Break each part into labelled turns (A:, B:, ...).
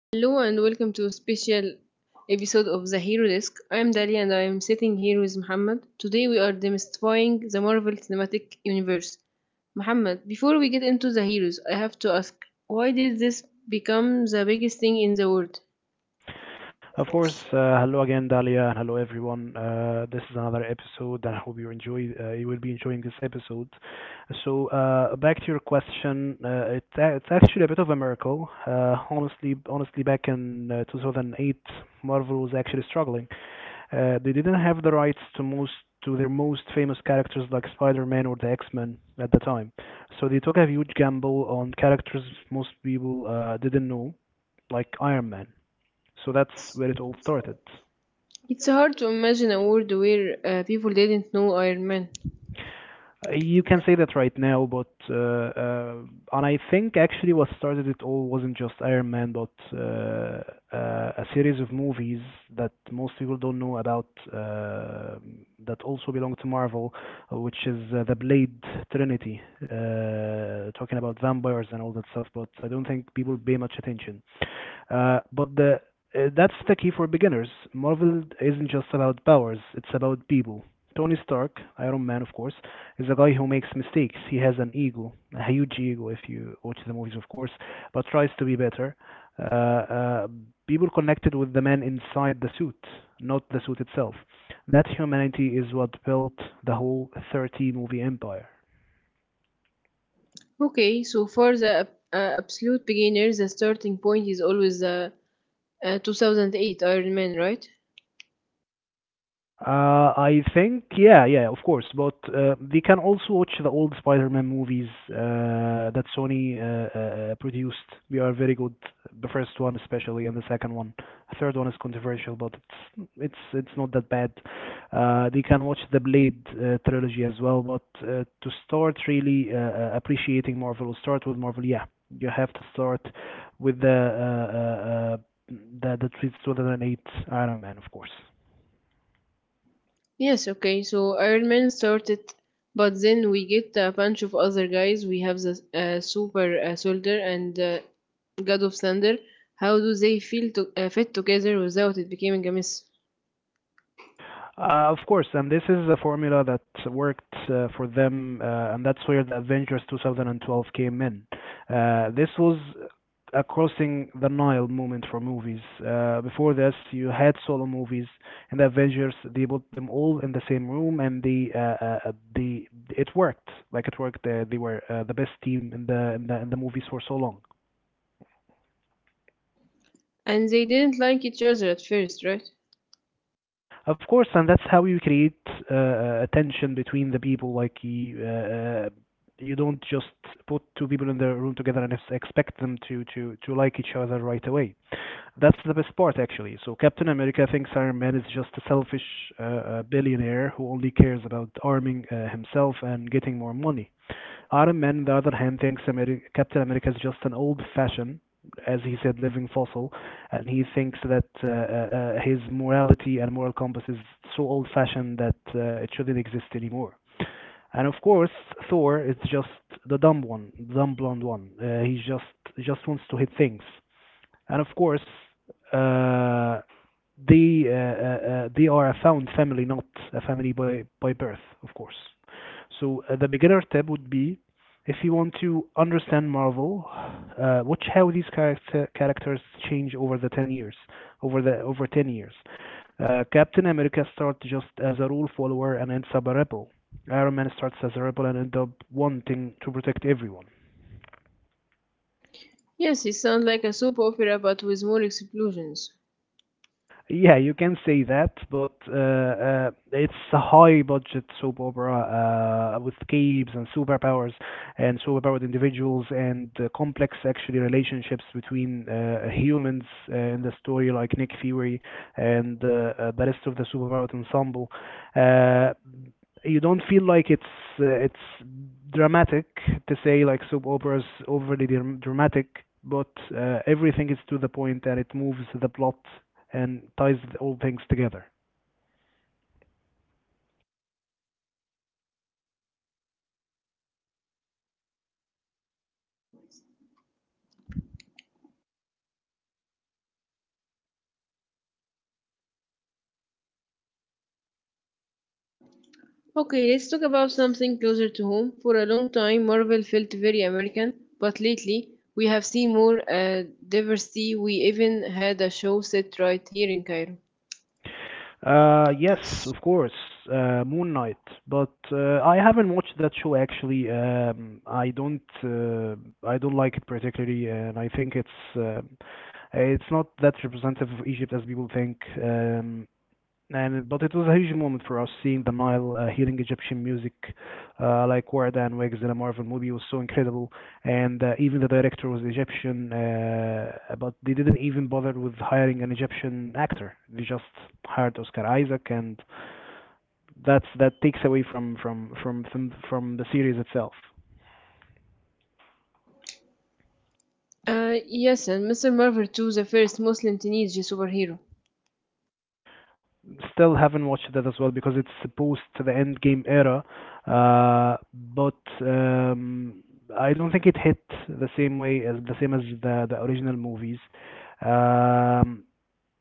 A: Hello and welcome to a special episode of The Hero Desk. I'm Dali and I'm sitting here with Muhammad. Today we are demystifying the Marvel Cinematic Universe. Muhammad, before we get into the heroes, I have to ask, why did this become the biggest thing in the world?
B: Of course, hello again, Dalia, and hello everyone. This is another episode, and I hope you enjoy. You will be enjoying this episode. So, back to your question, it's actually a bit of a miracle. Honestly, back in 2008, Marvel was actually struggling. They didn't have the rights to most to their most famous characters like Spider-Man or the X-Men at the time, so they took a huge gamble on characters most people didn't know, like Iron Man. So that's where it all started.
A: It's hard to imagine a world where people didn't know Iron Man.
B: You can say that right now, but and I think actually what started it all wasn't just Iron Man, but a series of movies that most people don't know about uh, that also belong to Marvel, which is the Blade Trinity, talking about vampires and all that stuff. But I don't think people pay much attention. But the That's the key for beginners. Marvel isn't just about powers; it's about people. Tony Stark, Iron Man, of course, is a guy who makes mistakes. He has an ego, a huge ego, if you watch the movies, of course, but tries to be better. Uh, uh, People connected with the man inside the suit, not the suit itself. That humanity is what built the whole 30-movie movie empire.
A: Okay, so for the absolute beginners, the starting point is always the 2008 Iron Man, right?
B: I think, yeah, yeah, of course. But they can also watch the old Spider-Man movies that Sony produced. They are very good. The first one, especially, and the second one. The third one is controversial, but it's not that bad. They can watch the Blade trilogy as well. But to start really appreciating Marvel, start with Marvel. Yeah, you have to start with the 2008 Iron Man, of course.
A: Yes, okay. So Iron Man started, but then we get a bunch of other guys. We have the Super Soldier and God of Thunder. How do they feel to fit together without it becoming a mess?
B: Of course, and this is a formula that worked for them, and that's where the Avengers 2012 came in. This was a crossing the Nile moment for movies. Before this, you had solo movies, and the Avengers they put them all in the same room, and they it worked, like it worked. They were the best team in the movies for so long.
A: And they didn't like each other at first, right?
B: Of course, and that's how you create a tension between the people. Like you don't just put two people in the room together and expect them to, to like each other right away. That's the best part, actually. So Captain America thinks Iron Man is just a selfish billionaire who only cares about arming himself and getting more money. Ottoman, on the other hand, thinks Captain America is just an old-fashioned, as he said, living fossil, and he thinks that his morality and moral compass is so old-fashioned that it shouldn't exist anymore. And of course, Thor is just the dumb one, dumb blonde one. He just wants to hit things. And of course, uh, they are a found family, not a family by birth, of course. So the beginner tab would be if you want to understand Marvel, watch how these characters change over the 10 years, over 10 years. Captain America starts just as a rule follower and ends up a rebel. Iron Man starts as a rebel and ends up wanting to protect everyone.
A: Yes, it sounds like a soap opera but with more explosions.
B: Yeah, you can say that, but it's a high budget soap opera with caves and superpowers and superpowered individuals and complex actually relationships between humans in the story, like Nick Fury and the rest of the superpowered ensemble. Uh, you don't feel like it's dramatic to say, like soap operas overly dramatic, but everything is to the point, and it moves the plot and ties all things together.
A: Okay, let's talk about something closer to home. For a long time, Marvel felt very American, but lately we have seen more diversity. We even had a show set right here in Cairo.
B: Yes, of course, Moon Knight. But I haven't watched that show actually. Um, I don't like it particularly, and I think it's not that representative of Egypt as people think. And but it was a huge moment for us seeing the Nile, hearing Egyptian music, like Ward and Wigs in a Marvel movie was so incredible. And even the director was Egyptian, but they didn't even bother with hiring an Egyptian actor. They just hired Oscar Isaac, and that takes away from from the series itself.
A: Yes, and Mr. Marvel too, the first Muslim teenage superhero.
B: Still haven't watched that as well because it's supposed to the end game era. But um, I don't think it hit the same way as the same as the original movies. Um,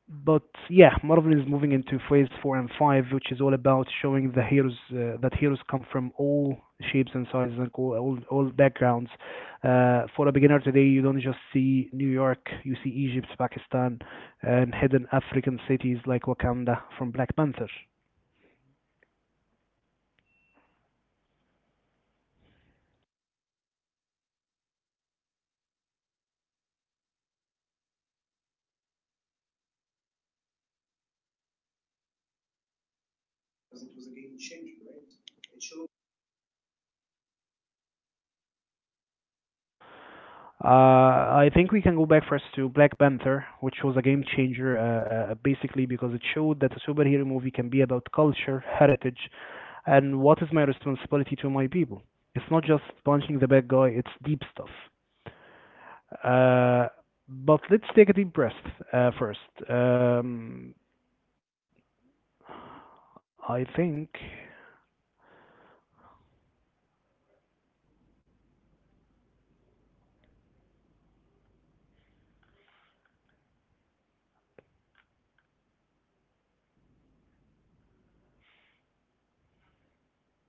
B: but yeah, Marvel is moving into phase four and five, which is all about showing the heroes that heroes come from all shapes and sizes and all backgrounds. For a beginner today, you don't just see New York; you see Egypt, Pakistan, and hidden African cities like Wakanda from Black Panther. Uh, I think we can go back first to Black Panther, which was a game changer, basically because it showed that a superhero movie can be about culture, heritage, and what is my responsibility to my people. It's not just punching the bad guy, it's deep stuff. Uh, but let's take a deep breath first. Um, I think,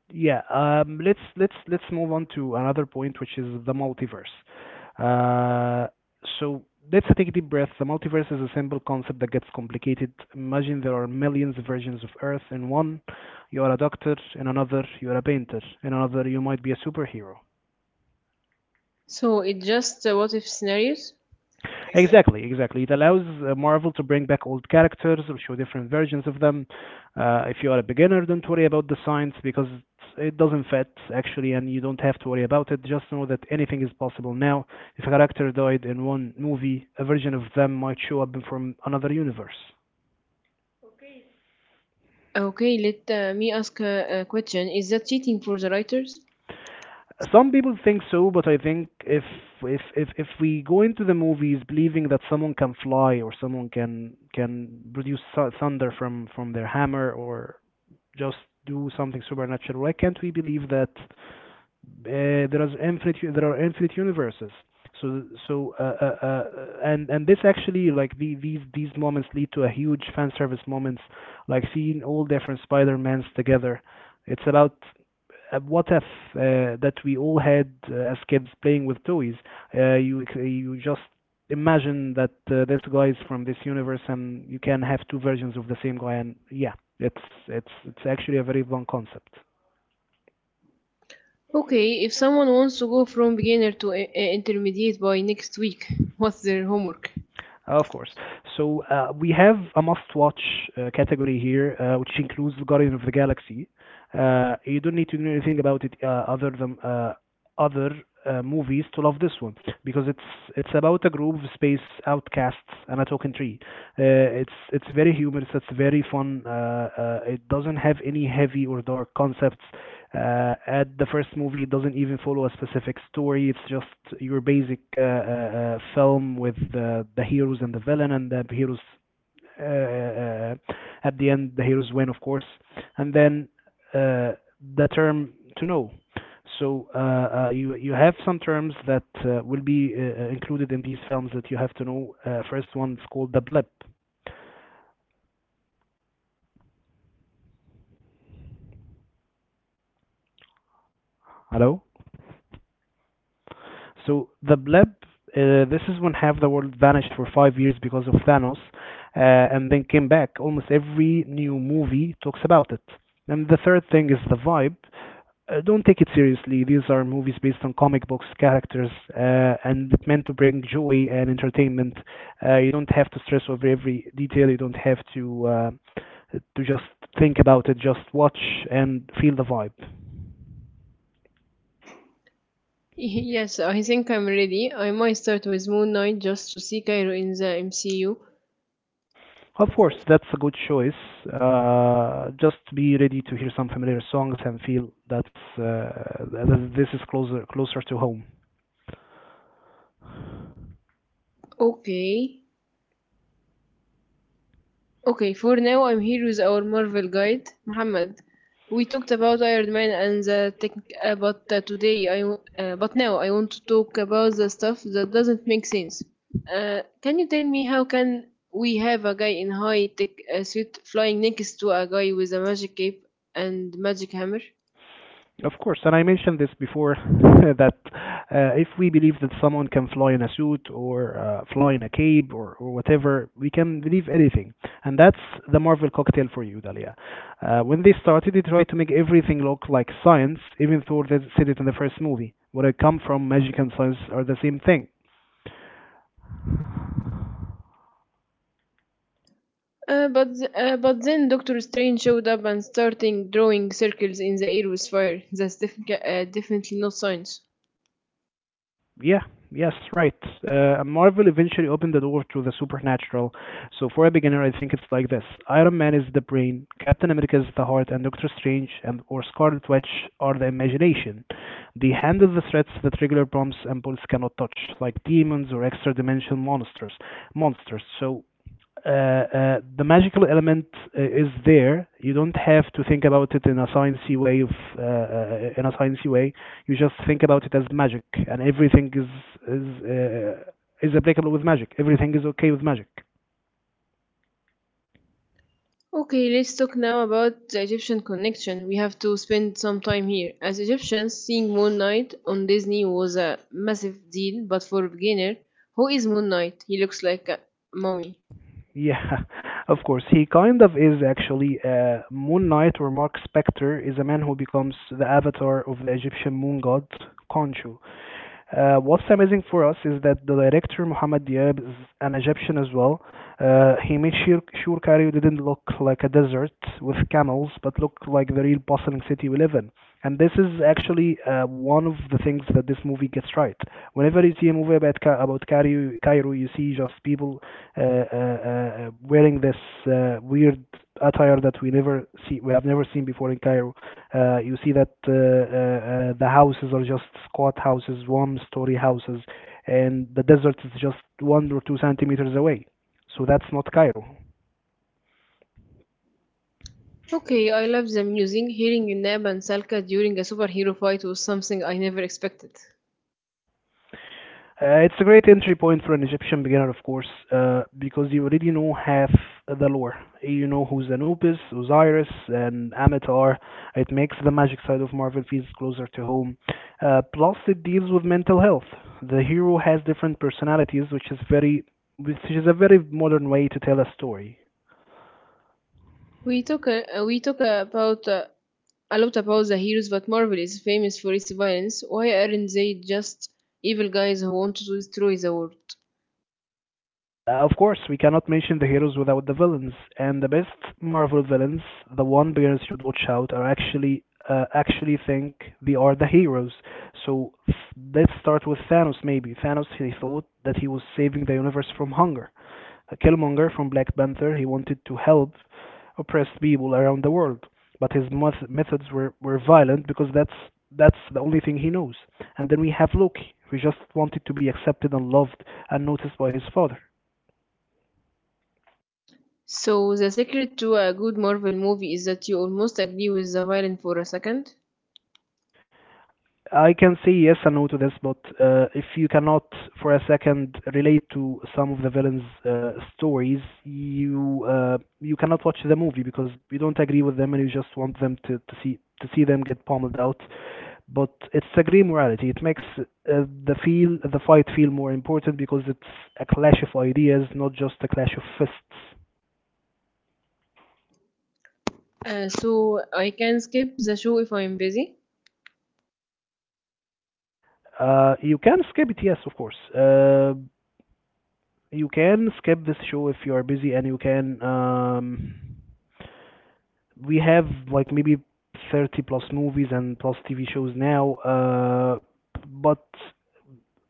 B: yeah. Let's move on to another point, which is the multiverse. Uh, so let's take a deep breath. The multiverse is a simple concept that gets complicated. Imagine there are millions of versions of Earth. In one, you are a doctor. In another, you are a painter. In another, you might be a superhero.
A: So it's just what if scenarios?
B: Exactly, exactly. It allows Marvel to bring back old characters or show different versions of them. If you are a beginner, don't worry about the science because it doesn't fit actually, and you don't have to worry about it. Just know that anything is possible now. If a character died in one movie, a version of them might show up from another universe.
A: Okay, let me ask a question. Is that cheating for the writers?
B: Some people think so, but I think if we go into the movies believing that someone can fly or someone can produce thunder from their hammer or just do something supernatural? Why can't we believe that there are infinite universes? So, so, uh, uh, uh, and this actually, like these moments lead to a huge fan service moments, like seeing all different Spider Mans together. It's about what if that we all had as kids playing with toys. You just imagine that this guy is from this universe, and you can have two versions of the same guy. And yeah, it's it's actually a very fun concept.
A: Okay, if someone wants to go from beginner to intermediate by next week, what's their homework?
B: Of course. So we have a must-watch category here, which includes *Guardians of the Galaxy. You don't need to know anything about it other than other movies to love this one because it's about a group of space outcasts and a token tree. It's very humorous. It's very fun. It doesn't have any heavy or dark concepts. At the first movie, it doesn't even follow a specific story. It's just your basic film with the heroes and the villain, and the heroes uh, uh, uh, at the end the heroes win, of course. And then uh, the term to know. So you you have some terms that will be included in these films that you have to know. First one is called the blip. Hello. So the blip. This is when half the world vanished for 5 years because of Thanos, and then came back. Almost every new movie talks about it. And the third thing is the vibe. Don't take it seriously. These are movies based on comic books characters and it's meant to bring joy and entertainment. You don't have to stress over every detail. You don't have to just think about it. Just watch and feel the vibe.
A: Yes, I think I'm ready. I might start with Moon Knight just to see Cairo in the MCU.
B: Of course, that's a good choice. Just be ready to hear some familiar songs and feel that's this is closer to home.
A: Okay. Okay, for now I'm here with our Marvel guide, Muhammad. We talked about Iron Man and the tech, but now I want to talk about the stuff that doesn't make sense. Can you tell me how can we have a guy in high tech suit flying next to a guy with a magic cape and magic hammer?
B: Of course, and I mentioned this before that if we believe that someone can fly in a suit or fly in a cape or whatever, we can believe anything. And that's the Marvel cocktail for you, Dalia. When they started, they tried to make everything look like science, even though they said it in the first movie. Where I come from, magic and science are the same thing.
A: But then Doctor Strange showed up and starting drawing circles in the air with fire. That's definitely not science.
B: Yeah, yes, right. Marvel eventually opened the door to the supernatural. So for a beginner, I think it's like this: Iron Man is the brain, Captain America is the heart, and Doctor Strange and or Scarlet Witch are the imagination. They handle the threats that regular bombs and bullets cannot touch, like demons or extra-dimensional monsters. Monsters. So the magical element is there. You don't have to think about it in a sciencey way of in a sciencey way. You just think about it as magic, and everything is is applicable with magic. Everything is okay with magic.
A: Okay, let's talk now about the Egyptian connection. We have to spend some time here. As Egyptians, seeing Moon Knight on Disney was a massive deal, but for a beginner, who is Moon Knight? He looks like a mummy.
B: Yeah, of course. He kind of is actually. Moon Knight or Mark Spector is a man who becomes the avatar of the Egyptian moon god Khonshu. What's amazing for us is that the director Mohamed Diab is an Egyptian as well. He made sure Cairo didn't look like a desert with camels, but looked like the real bustling city we live in. And this is actually one of the things that this movie gets right. Whenever you see a movie about Cairo, you see just people wearing this weird attire that we never see, we have never seen before in Cairo. You see that the houses are just squat houses, one-story houses, and the desert is just one or two centimeters away. So that's not Cairo.
A: Okay, I love the music. Hearing Nab and Salka during a superhero fight was something I never expected.
B: It's a great entry point for an Egyptian beginner, of course, because you already know half the lore. You know who's Anubis, Osiris, and Amatar. It makes the magic side of Marvel feels closer to home. Plus, it deals with mental health. The hero has different personalities, which is a very modern way to tell a story.
A: We talk about a lot about the heroes, but Marvel is famous for its violence. Why aren't they just evil guys who want to destroy the world?
B: Of course, we cannot mention the heroes without the villains, and the best Marvel villains, the one bears should watch out, are actually think they are the heroes. So f- let's start with Thanos. Maybe Thanos he thought that he was saving the universe from hunger. Killmonger from Black Panther he wanted to help oppressed people around the world, but his were violent because that's the only thing he knows. And then we have Loki, who just wanted to be accepted and loved and noticed by his father.
A: So the secret to a good Marvel movie is that you almost agree with the villain for a second.
B: I can say yes and no to this, but if you cannot for a second relate to some of the villains' stories, you cannot watch the movie because you don't agree with them and you just want them to see them get pummeled out. But it's a gray morality. It makes the fight feel more important because it's a clash of ideas, not just a clash of fists.
A: So I can skip the show if I'm busy.
B: You can skip it, yes, of course. You can skip this show if you are busy and you can. We have like maybe 30 plus movies and plus TV shows now. But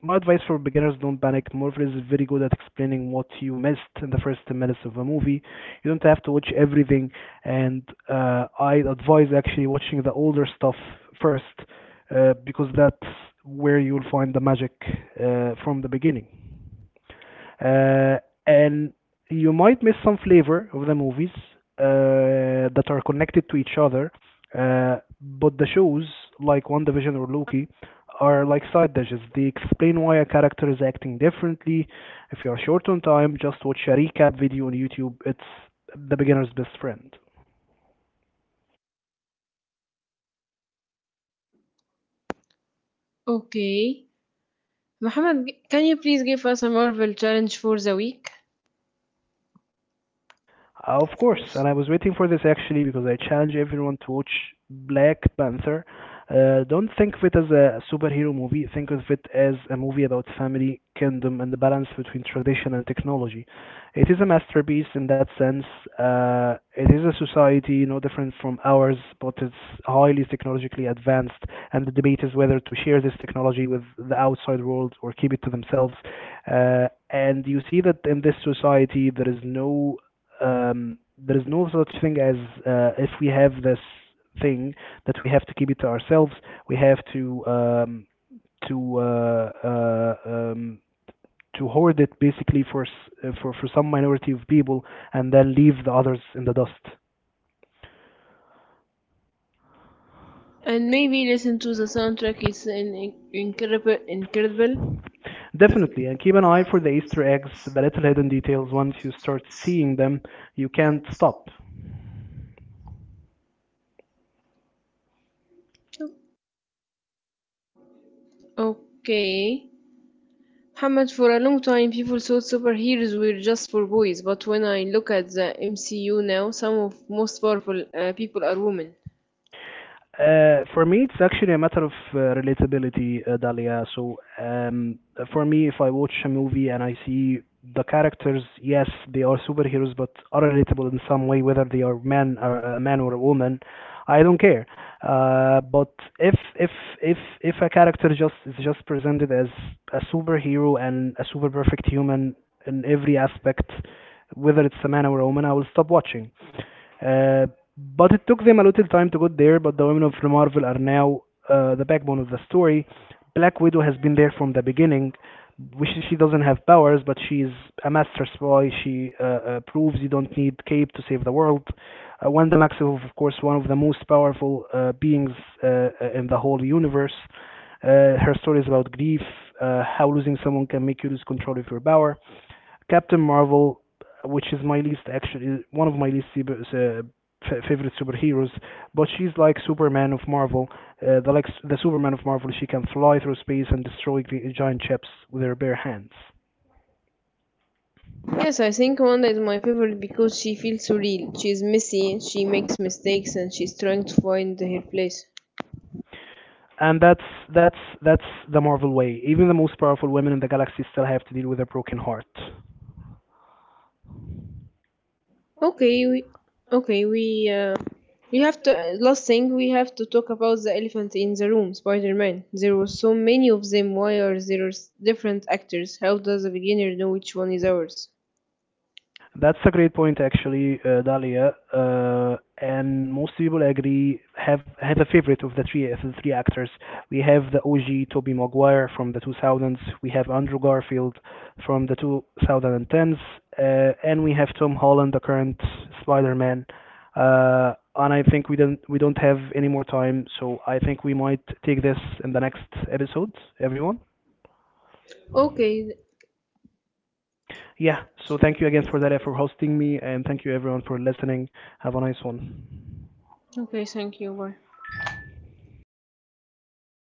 B: my advice for beginners don't panic. Marvel is very good at explaining what you missed in the first 10 minutes of a movie. You don't have to watch everything, and I advise actually watching the older stuff first because that's where you'll find the magic from the beginning uh, and you might miss some flavor of the movies that are connected to each other. But the shows like WandaVision or Loki are like side dishes. They explain why a character is acting differently. If you are short on time, just watch a recap video on YouTube. It's the beginner's best friend.
A: Okay. Mohammed, can you please give us a Marvel challenge for the week?
B: Of course, and I was waiting for this actually because I challenge everyone to watch Black Panther. Don't think of it as a superhero movie, think of it as a movie about family, kingdom, and the balance between tradition and technology. It is a masterpiece in that sense. It is a society no different from ours, but it's highly technologically advanced, and the debate is whether to share this technology with the outside world or keep it to themselves. And you see that in this society, there is there is no such thing as if we have this thing that we have to keep it to ourselves. We have to to uh, uh, um, to hoard it basically for s- for some minority of people and then leave the others in the dust.
A: And maybe listen to the soundtrack. It's an incredible, incredible.
B: Definitely, and keep an eye for the Easter eggs, the little hidden details. Once you start seeing them, you can't stop.
A: Okay. Mohammed, for a long time people thought superheroes were just for boys, but when I look at the MCU now, some of most powerful people are women.
B: For me, it's actually a matter of relatability, Dalia. So, for me, if I watch a movie and I see the characters, yes, they are superheroes, but are relatable in some way, whether they are man, or a man or a woman. I don't care. But if if if a character just is just presented as a superhero and a super perfect human in every aspect, whether it's a man or a woman, I will stop watching. Uh, but it took them a little time to get there. But the women of Marvel are now the backbone of the story. Black Widow has been there from the beginning. Which she doesn't have powers, but she's a master spy. She proves you don't need cape to save the world. When is, of course, one of the most powerful beings in the whole universe. Her story is about grief, how losing someone can make you lose control of your power. Captain Marvel, which is my least actually one of my least uh, favorite superheroes, but she's like Superman of Marvel. The like the Superman of Marvel, she can fly through space and destroy giant ships with her bare hands.
A: Yes, I think Wanda is my favorite because she feels so real. She's messy, she makes mistakes, and she's trying to find her place.
B: And that's the Marvel way. Even the most powerful women in the galaxy still have to deal with a broken heart.
A: Okay, we, okay, we have to. Last thing, we have to talk about the elephant in the room, Spider-Man. There were so many of them. Why are there different actors? How does a beginner know which one is ours?
B: That's a great point, actually, Dalia. And most people agree have a favorite of the three actors. We have the OG Toby Maguire from the 2000s. We have Andrew Garfield from the 2010s, and we have Tom Holland, the current Spider-Man. And I think we don't have any more time, so I think we might take this in the next episode, everyone.
A: Okay,
B: Yeah, so thank you again for that for hosting me, and thank you everyone for listening. Have a nice one.
A: okay, thank you. Bye.